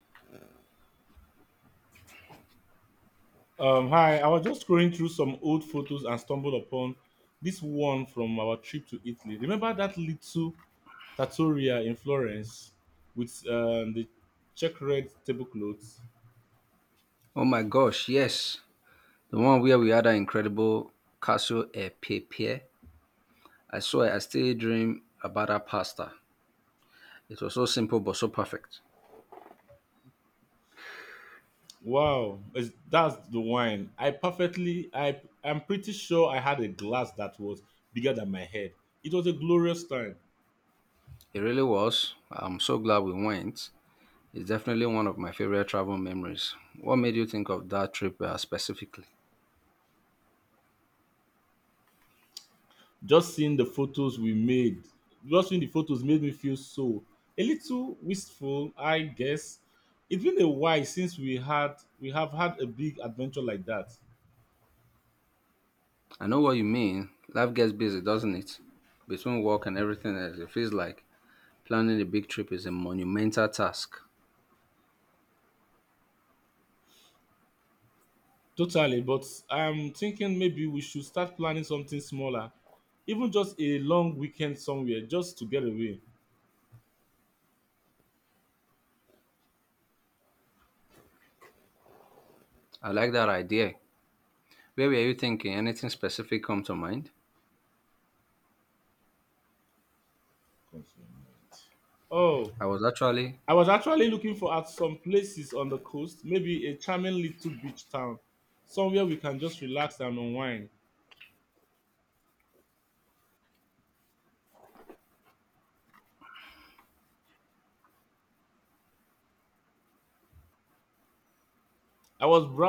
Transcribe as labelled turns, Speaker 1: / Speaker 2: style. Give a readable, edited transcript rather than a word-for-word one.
Speaker 1: Hi, I was just scrolling through some old photos and stumbled upon this one from our trip to Italy. Remember that little trattoria in Florence with the check red tablecloths?
Speaker 2: Oh my gosh, yes. The one where we had an incredible castle e pepe. I swear I still dream about that pasta. It was so simple but so perfect.
Speaker 1: Wow, that's the wine. I'm pretty sure I had a glass that was bigger than my head. It was a glorious time.
Speaker 2: It really was. I'm so glad we went. It's definitely one of my favorite travel memories. What made you think of that trip specifically?
Speaker 1: Just seeing the photos we made, just seeing the photos made me feel so a little wistful, I guess. It's been a while since we have had a big adventure like that.
Speaker 2: I know what you mean. Life gets busy, doesn't it? Between work and everything else, it feels like planning a big trip is a monumental task.
Speaker 1: Totally, but I'm thinking maybe we should start planning something smaller, even just a long weekend somewhere, just to get away.
Speaker 2: I like that idea. Where were you thinking? Anything specific come to mind?
Speaker 1: Oh,
Speaker 2: I was actually,
Speaker 1: I was actually looking for at some places on the coast, maybe a charming little beach town, somewhere we can just relax and unwind. I was